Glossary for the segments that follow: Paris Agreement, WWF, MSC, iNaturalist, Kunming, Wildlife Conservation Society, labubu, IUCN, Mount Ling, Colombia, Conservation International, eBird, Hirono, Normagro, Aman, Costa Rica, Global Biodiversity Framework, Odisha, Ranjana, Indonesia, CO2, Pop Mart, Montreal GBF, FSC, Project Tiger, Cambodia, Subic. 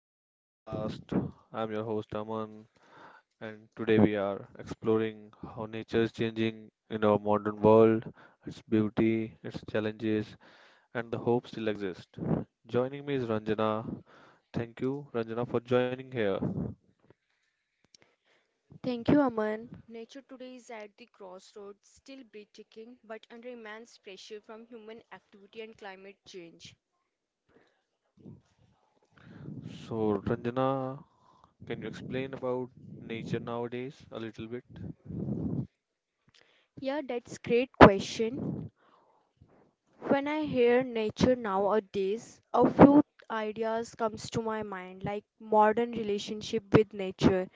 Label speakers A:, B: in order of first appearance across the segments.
A: to our podcast. I'm your host Aman, and today we are exploring how nature is changing in our modern world, its beauty, its challenges, and the hope still exist. Joining me is Ranjana. Thank you, Ranjana, for joining here.
B: Thank you, Aman. Nature today is at the crossroads, still breathtaking, but under immense pressure from human activity and climate change.
A: So, Ranjana, can you explain about nature nowadays a little bit?
B: Yeah, that's great question. When I hear nature nowadays, a few ideas comes to my mind like modern relationship with nature.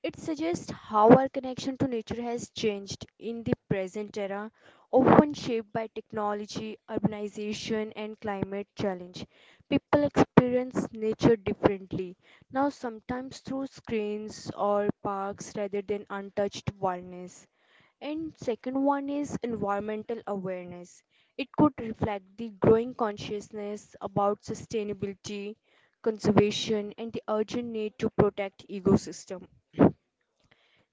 B: It suggests how our connection to nature has changed in the present era, often shaped by technology, urbanization and climate challenge. People experience nature differently now sometimes through screens or parks rather than untouched wilderness. And second one is environmental awareness. It could reflect the growing consciousness about sustainability, conservation, and the urgent need to protect ecosystem.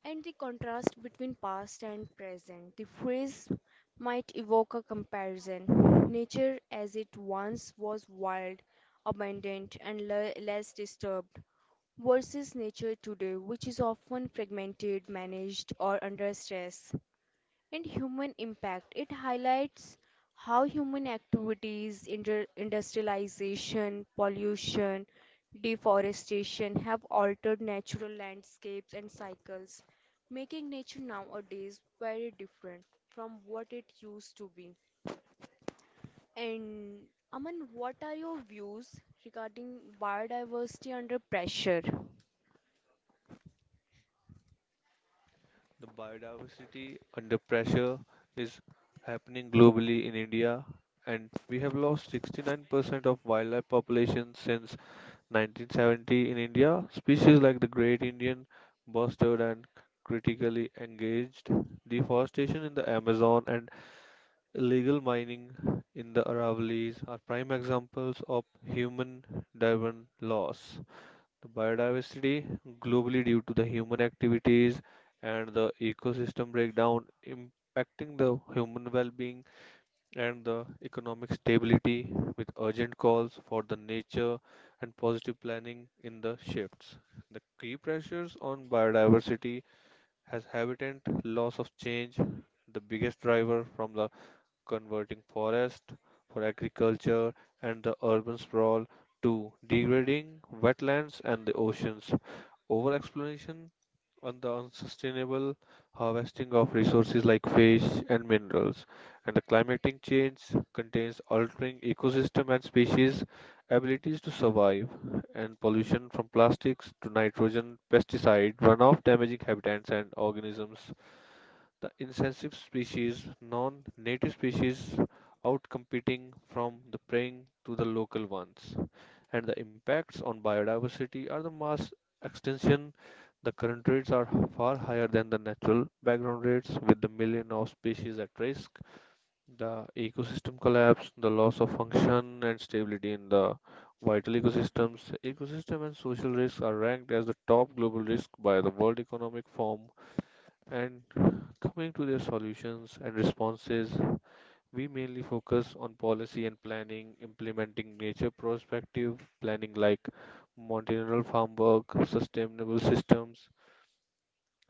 B: And the contrast between past and present. The phrase might evoke a comparison. Nature as it once was wild, abundant, and less disturbed, versus nature today, which is often fragmented, managed, or under stress and human impact. It highlights how human activities, industrialization, pollution, deforestation have altered natural landscapes and cycles, making nature nowadays very different from what it used to be. And Aman, what are your views regarding biodiversity under pressure?
A: The biodiversity under pressure is happening globally in India, and we have lost 69% of wildlife population since 1970 in India. Species like the great Indian bustard and critically engaged. Deforestation in the Amazon and illegal mining in the Aravallis are prime examples of human-driven loss. The biodiversity globally due to the human activities and the ecosystem breakdown impacting the human well-being and the economic stability, urgent calls for the nature and positive planning in the shifts. The key pressures on biodiversity has habitat loss of change, the biggest driver from the converting forest for agriculture and urban sprawl to degrading wetlands and the oceans over exploration on the unsustainable harvesting of resources like fish and minerals, and the climatic change contains altering ecosystem and species abilities to survive, and pollution from plastics to nitrogen pesticide runoff damaging habitats and organisms, the invasive species, non-native species outcompeting from the preying to the local ones, and the impacts on biodiversity are the mass extinction. The current rates are far higher than the natural background rates, with the million of species at risk, the ecosystem collapse, the loss of function and stability in the vital ecosystems. Ecosystem and social risks are ranked as the top global risk by the World Economic Forum, and coming to their solutions and responses we mainly focus on policy and planning, implementing nature prospective planning like multi-level farm work, sustainable systems,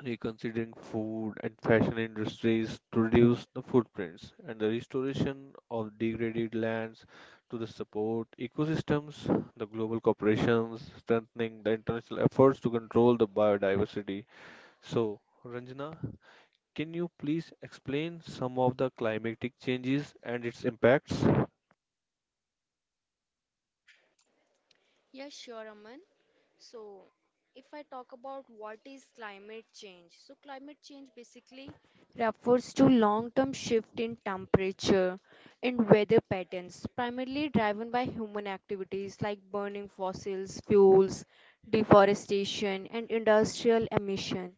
A: reconsidering food and fashion industries to reduce the footprints, and the restoration of degraded lands to the support ecosystems, the global corporations, strengthening the international efforts to control the biodiversity. So, Ranjana, can you please explain some of the climatic changes and its impacts?
B: Yeah, sure, Aman. So, if I talk about what is climate change, so climate change basically refers to long-term shift in temperature and weather patterns, primarily driven by human activities like burning fossils, fuels, deforestation, and industrial emission.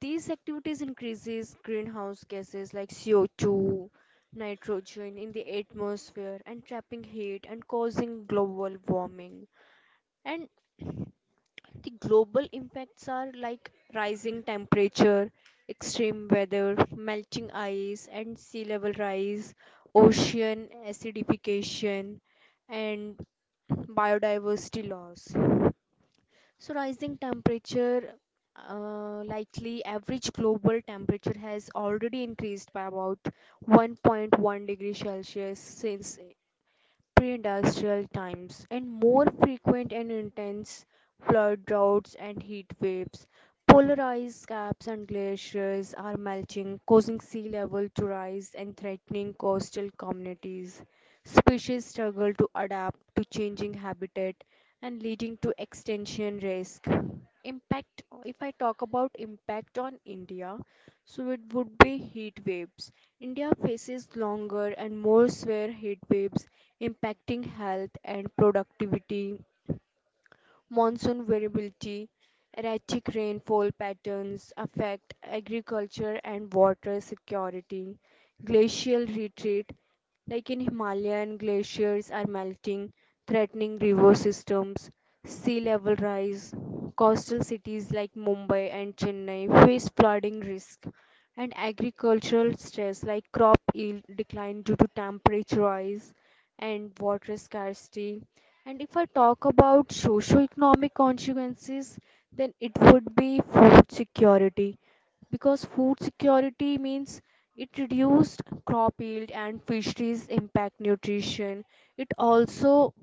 B: These activities increases greenhouse gases like CO2, nitrogen in the atmosphere and trapping heat and causing global warming. And the global impacts are like rising temperature, extreme weather, melting ice and sea level rise, ocean acidification, and biodiversity loss. So, rising temperature, likely average global temperature has already increased by about 1.1-degree Celsius since pre-industrial times and more frequent and intense flood droughts and heat waves. Polarized caps and glaciers are melting, causing sea level to rise and threatening coastal communities. Species struggle to adapt to changing habitat and leading to extinction risk. Impact if I talk about impact on India, so it would be heat waves. India faces longer and more severe heat waves impacting health and productivity. Monsoon variability, erratic rainfall patterns affect agriculture and water security. Glacial retreat, like in Himalayan glaciers are melting, threatening river systems. Sea level rise, coastal cities like Mumbai and Chennai face flooding risk, and agricultural stress like crop yield decline due to temperature rise and water scarcity. And if I talk about socio-economic consequences, then it would be food security because food security means it reduced crop yield and fisheries impact nutrition. It also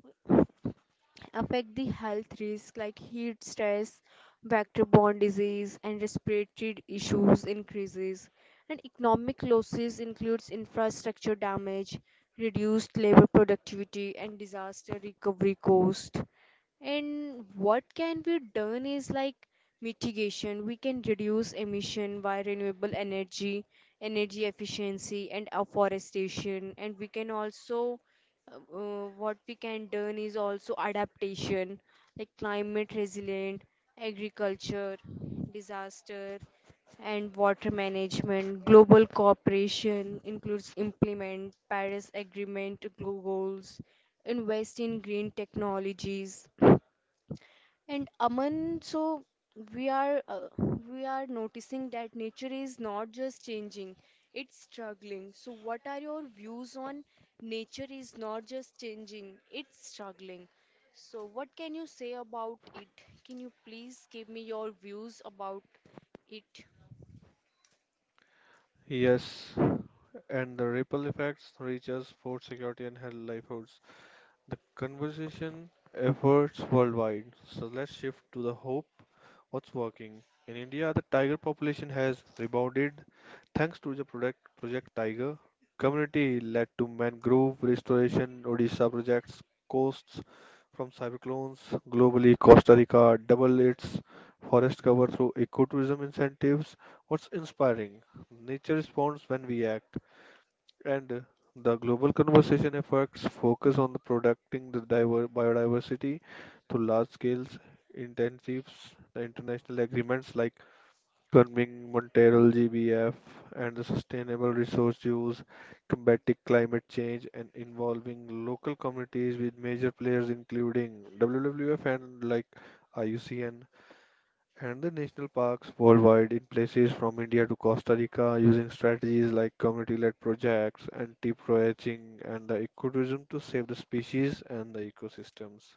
B: affect the health risk like heat stress, vector-borne disease, and respiratory issues increases. And economic losses includes infrastructure damage, reduced labor productivity and disaster recovery cost. And what can be done is like mitigation. We can reduce emission by renewable energy, energy efficiency, and afforestation. And we can also, what we can done is also adaptation, like climate resilient, agriculture, disaster, and water management. Global cooperation includes implement Paris Agreement goals, invest in green technologies and Aman, so we are uh, we are noticing that nature is not just changing, it's struggling. So what are your views on nature is not just changing, it's struggling. So what can you say about it? Can you please give me your views about it?
A: Yes, and the ripple effects reach us, food security, and health livelihoods the conversation efforts worldwide. So let's shift to the hope. What's working? In India, the tiger population has rebounded thanks to the product, Project Tiger. Community led to mangrove restoration, Odisha projects, coasts from cyclones. Globally, Costa Rica double its forest cover through ecotourism incentives. What's inspiring? Nature responds when we act. And The global conservation efforts focus on the protecting the diver biodiversity through large scale intensives, the international agreements like Kunming, Montreal GBF, and the sustainable resource use, combating climate change, and involving local communities with major players including WWF and like IUCN, and the national parks worldwide in places from India to Costa Rica using strategies like community-led projects, anti-poaching, and the ecotourism to save the species and the ecosystems.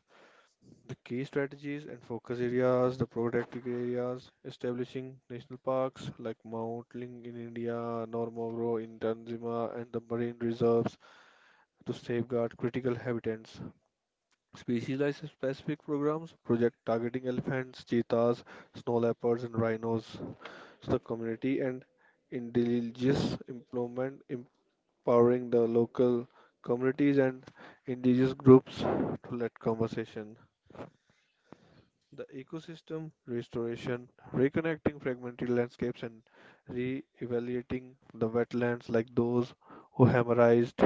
A: The key strategies and focus areas, the protected areas, establishing national parks like Mount Ling in India, Normagro in Tanzania, and the marine reserves to safeguard critical habitats. Species-specific programs, project targeting elephants, cheetahs, snow leopards, and rhinos, the community and indigenous employment, empowering the local communities and indigenous groups to lead conversation. The ecosystem restoration, reconnecting fragmented landscapes and re-evaluating the wetlands like those who hammerized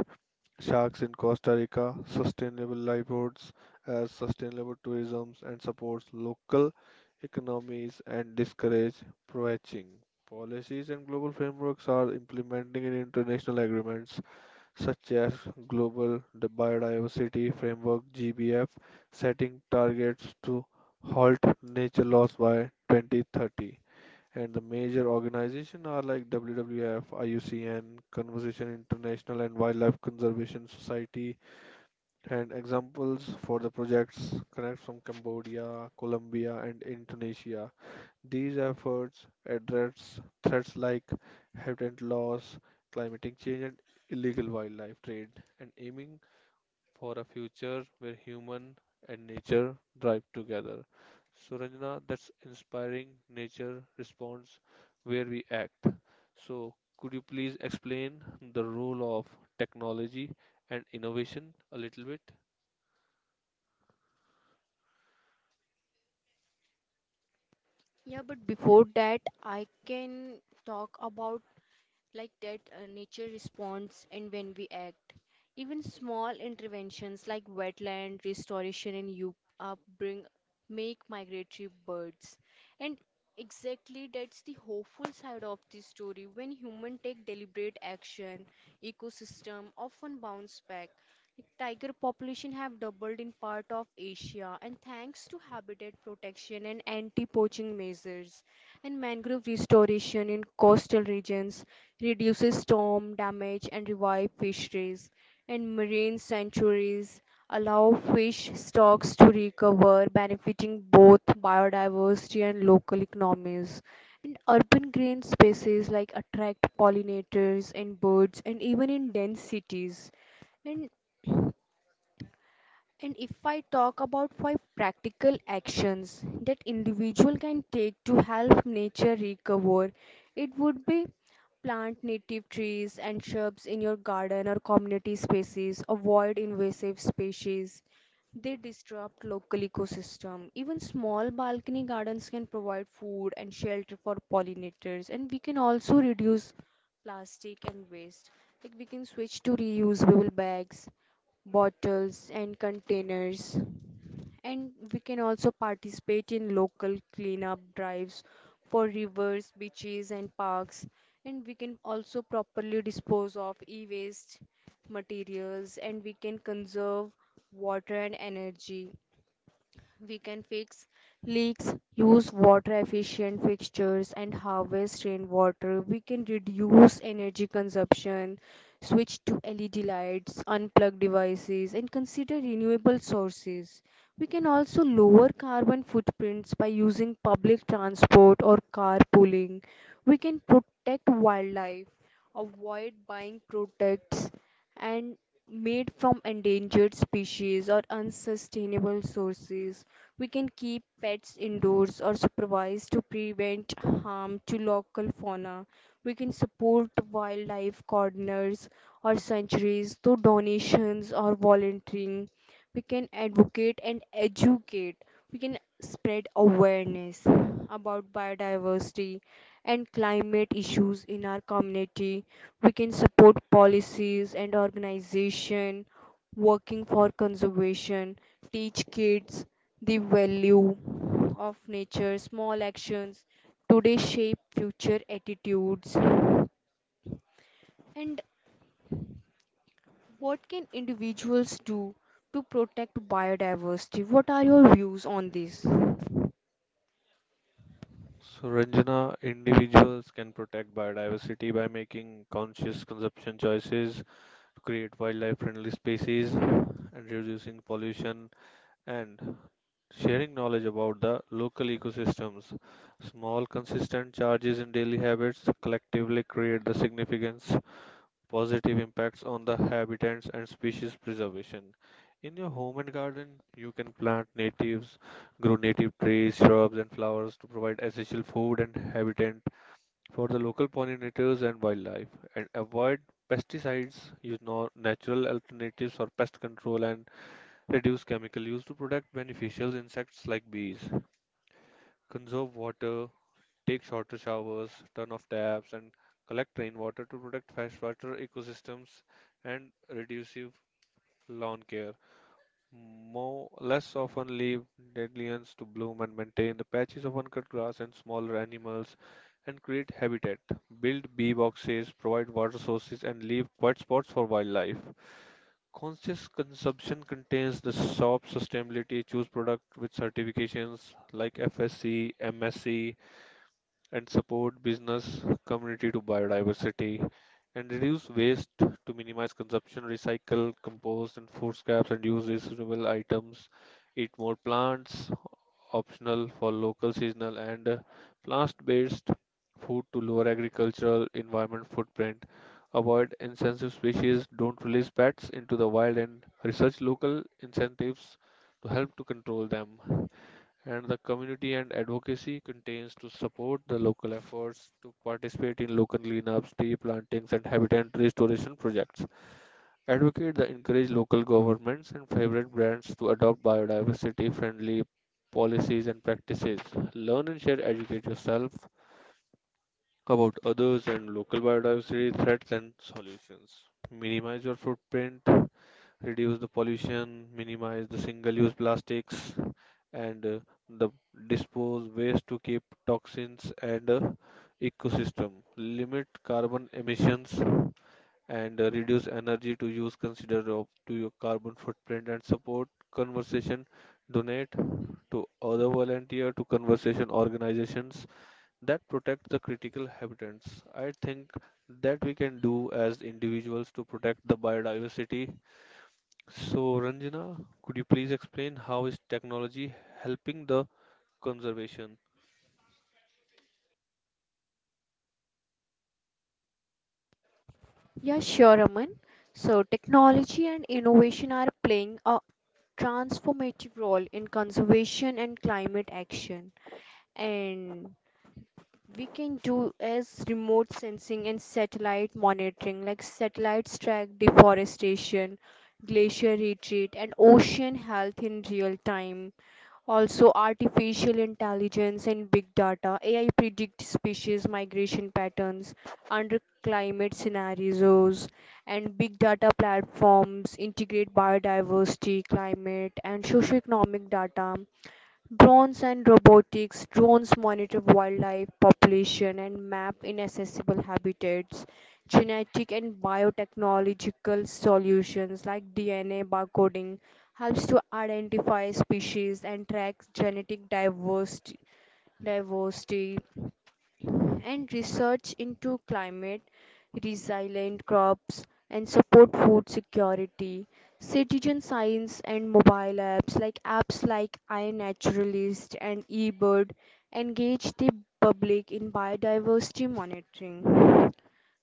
A: Sharks in Costa Rica, sustainable livelihoods as sustainable tourism and supports local economies and discourage poaching. Policies and global frameworks are implementing in international agreements such as Global Biodiversity Framework GBF setting targets to halt nature loss by 2030. And the major organization are like WWF, IUCN, Conservation International, and Wildlife Conservation Society. And examples for the projects connect from Cambodia, Colombia, and Indonesia. These efforts address threats like habitat loss, climatic change, and illegal wildlife trade, and aiming for a future where human and nature drive together. So, Ranjana, that's inspiring. Nature responds where we act. So, could you please explain the role of technology and innovation a little bit?
B: Yeah, but before that, I can talk about like that, nature responds, and when we act, even small interventions like wetland restoration and you up make migratory birds. And exactly that's the hopeful side of this story. When humans take deliberate action, ecosystem often bounce back. Like, tiger population have doubled in part of Asia, and thanks to habitat protection and anti-poaching measures and mangrove restoration in coastal regions, reduces storm damage and revive fisheries. And marine sanctuaries allow fish stocks to recover, benefiting both biodiversity and local economies. And urban green spaces like attract pollinators and birds, and even in dense cities. And and if I talk about five practical actions that individual can take to help nature recover, it would be plant native trees and shrubs in your garden or community spaces, avoid invasive species. They disrupt local ecosystem. Even small balcony gardens can provide food and shelter for pollinators and we can also reduce plastic and waste. Like we can switch to reusable bags bottles and containers and we can also participate in local cleanup drives for rivers beaches and parks and we can also properly dispose of e-waste materials and we can conserve water and energy we can fix leaks, use water efficient fixtures, and harvest rainwater. We can reduce energy consumption, switch to LED lights, unplug devices, and consider renewable sources. We can also lower carbon footprints by using public transport or carpooling. We can protect wildlife, avoid buying products and made from endangered species or unsustainable sources. We can keep pets indoors or supervised to prevent harm to local fauna. We can support wildlife gardeners or sanctuaries through donations or volunteering. We can advocate and educate. We can spread awareness about biodiversity and climate issues in our community. We can support policies and organization working for conservation, teach kids the value of nature, small actions today shape future attitudes. And what can individuals do to protect biodiversity? What are your views on this?
A: So, Ranjana, individuals can protect biodiversity by making conscious consumption choices, to create wildlife friendly spaces and reducing pollution, and sharing knowledge about the local ecosystems. Small, consistent changes in daily habits collectively create the significance positive impacts on the habitats and species preservation. In your home and garden, you can plant natives, grow native trees, shrubs, and flowers to provide essential food and habitat for the local pollinators and wildlife, and avoid pesticides, use no natural alternatives for pest control, and reduce chemical use to protect beneficial insects like bees. Conserve water, take shorter showers, turn off taps, and collect rainwater to protect freshwater ecosystems, and reduce lawn care. More less often leave dandelions to bloom and maintain the patches of uncut grass and smaller animals and create habitat. Build bee boxes, provide water sources, and leave quiet spots for wildlife. Conscious consumption contains the shop sustainability, choose product with certifications like FSC, MSC, and support business community to biodiversity, and reduce waste to minimize consumption, recycle, compost, and food scraps, and use reusable items, eat more plants, optional for local seasonal and plant-based food to lower agricultural environment footprint. Avoid insensitive species, don't release pets into the wild and research local incentives to help to control them. And the community and advocacy contains to support the local efforts, to participate in local cleanups, tree plantings and habitat restoration projects. Advocate that encourage local governments and favorite brands to adopt biodiversity friendly policies and practices. Learn and share, educate yourself about others and local biodiversity threats and solutions. Minimize your footprint, reduce the pollution, minimize the single use plastics, and the dispose waste to keep toxins and ecosystem. Limit carbon emissions and reduce energy to use consider of to your carbon footprint, and support conversation, donate to other volunteer to conservation organizations that protect the critical habitats. I think that we can do as individuals to protect the biodiversity. So, Ranjana, could you please explain how is technology helping the conservation?
B: Yeah, sure, Aman. So, technology and innovation are playing a transformative role in conservation and climate action. And we can do is remote sensing and satellite monitoring, like satellites track deforestation, glacier retreat, and ocean health in real time. Also, artificial intelligence and big data. AI predict species migration patterns under climate scenarios, and big data platforms integrate biodiversity, climate, and socioeconomic data. Drones and robotics. Drones monitor wildlife population and map inaccessible habitats. Genetic and biotechnological solutions like DNA barcoding helps to identify species and track genetic diversity. And research into climate resilient crops and support food security. Citizen science and mobile apps like iNaturalist and eBird engage the public in biodiversity monitoring.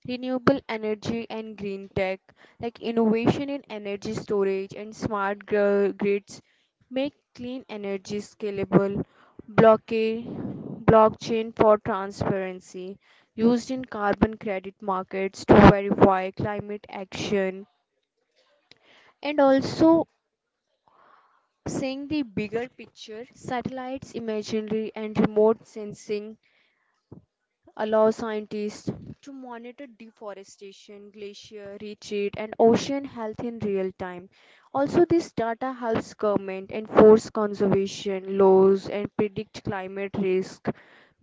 B: Renewable energy and green tech, like innovation in energy storage and smart grids, make clean energy scalable. Blockade, Blockchain for transparency, used in carbon credit markets to verify climate action, and also seeing the bigger picture, satellites imagery and remote sensing allow scientists to monitor deforestation, glacier retreat, and ocean health in real time. Also, this data helps government enforce conservation laws and predict climate risk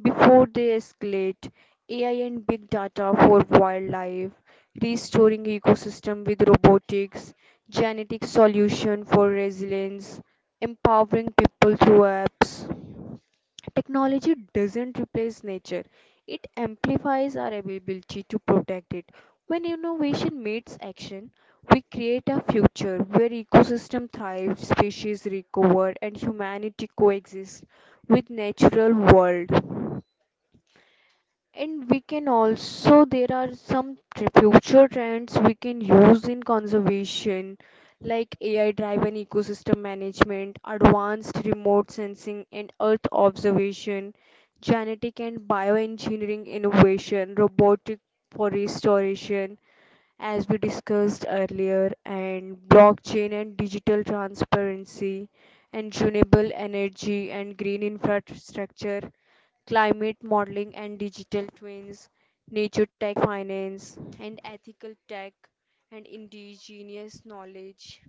B: before they escalate. AI and big data for wildlife, restoring ecosystem with robotics, genetic solution for resilience, empowering people through apps. Technology doesn't replace nature, it amplifies our ability to protect it. When innovation meets action, we create a future where ecosystem thrive, species recover, and humanity coexists with natural world. And we can also there are some future trends we can use in conservation like AI driven ecosystem management, advanced remote sensing and earth observation, genetic and bioengineering innovation, robotic for restoration as we discussed earlier, and blockchain and digital transparency, and renewable energy and green infrastructure, climate modeling and digital twins, nature tech finance and ethical tech, and indigenous knowledge.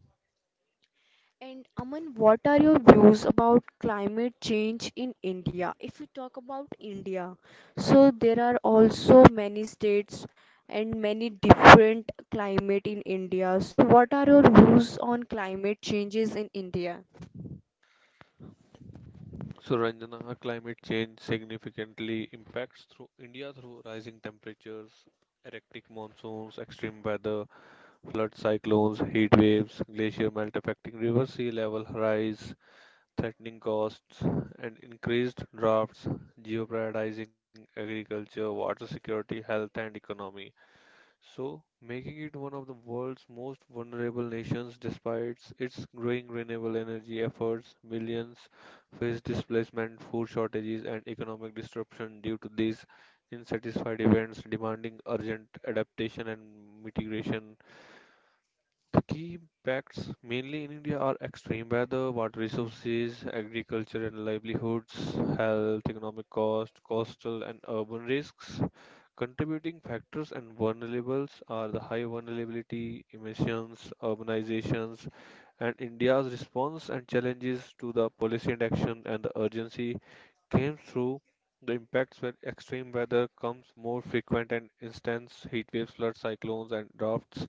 B: And Aman, what are your views about climate change in India? If we talk about India, so there are also many states and many different climate in India. So what are your views on climate changes in India?
A: So, Ranjana, how climate change significantly impacts through India through rising temperatures, epic monsoons, extreme weather, flood cyclones, heat waves, glacier melt affecting river sea level rise, threatening costs, and increased droughts, jeopardizing agriculture, water security, health, and economy, so making it one of the world's most vulnerable nations despite its growing renewable energy efforts. Millions face displacement, food shortages, and economic disruption due to these unsatisfied events, demanding urgent adaptation and mitigation. The key impacts mainly in India are extreme weather, water resources, agriculture and livelihoods, health, economic cost, coastal and urban risks. Contributing factors and vulnerables are the high vulnerability, emissions, urbanizations, and India's response and challenges to the policy and action, and the urgency came through the impacts where extreme weather comes more frequent and instance heat waves, floods, cyclones, and droughts.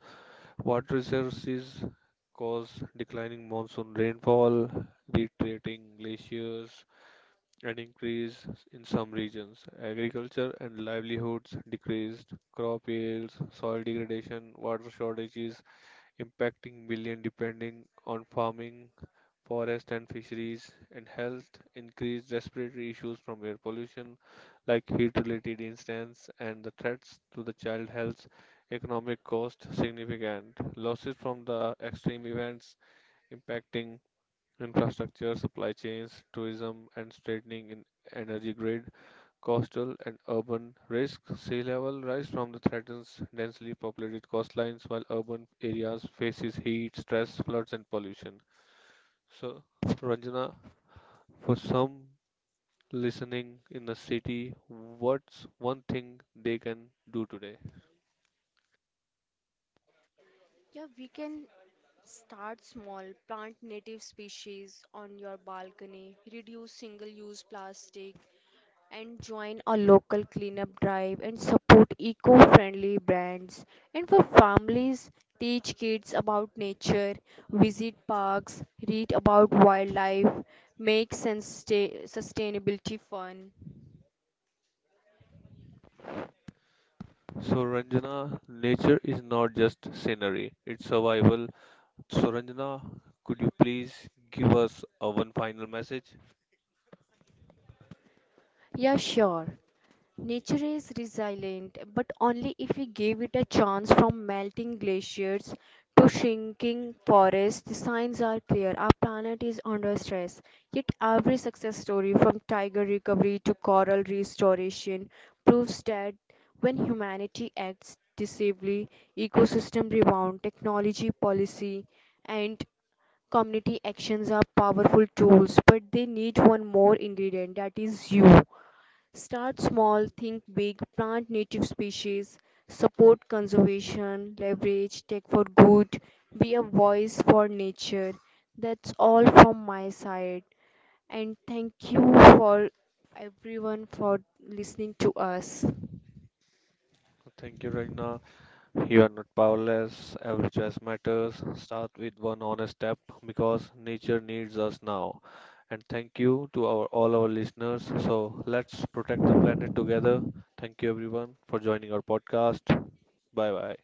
A: Water resources cause declining monsoon rainfall, retreating glaciers, an increase in some regions. Agriculture and livelihoods decreased, crop yields, soil degradation, water shortages impacting millions depending on farming, forest and fisheries, and health increased respiratory issues from air pollution like heat-related incidents and the threats to the child health. Economic cost significant. Losses from the extreme events impacting infrastructure, supply chains, tourism, and strengthening in energy grid, coastal and urban risk. Sea level rise from the threatens densely populated coastlines, while urban areas faces heat, stress, floods, and pollution. So, Ranjana, for some listening in the city, what's one thing they can do today?
B: Yeah, we can start small, plant native species on your balcony, reduce single use plastic, and join a local cleanup drive and support eco friendly brands. And for families, teach kids about nature, visit parks, read about wildlife, make sustainability fun.
A: So, Ranjana, nature is not just scenery, it's survival. So, Ranjana, could you please give us a one final message?
B: Yeah, sure. Nature is resilient, but only if we give it a chance from melting glaciers to shrinking forests. The signs are clear. Our planet is under stress. Yet every success story, from tiger recovery to coral restoration, proves that when humanity acts decisively, ecosystem rebound, technology, policy, and community actions are powerful tools, but they need one more ingredient that is you. Start small, think big, plant native species, support conservation, leverage tech for good, be a voice for nature. That's all from my side. And thank you for everyone for listening to us.
A: Thank you, Ranjana. You are not powerless. Every choice matters. Start with one honest step because nature needs us now. And thank you to our all our listeners. So, let's protect the planet together. Thank you, everyone, for joining our podcast. Bye bye.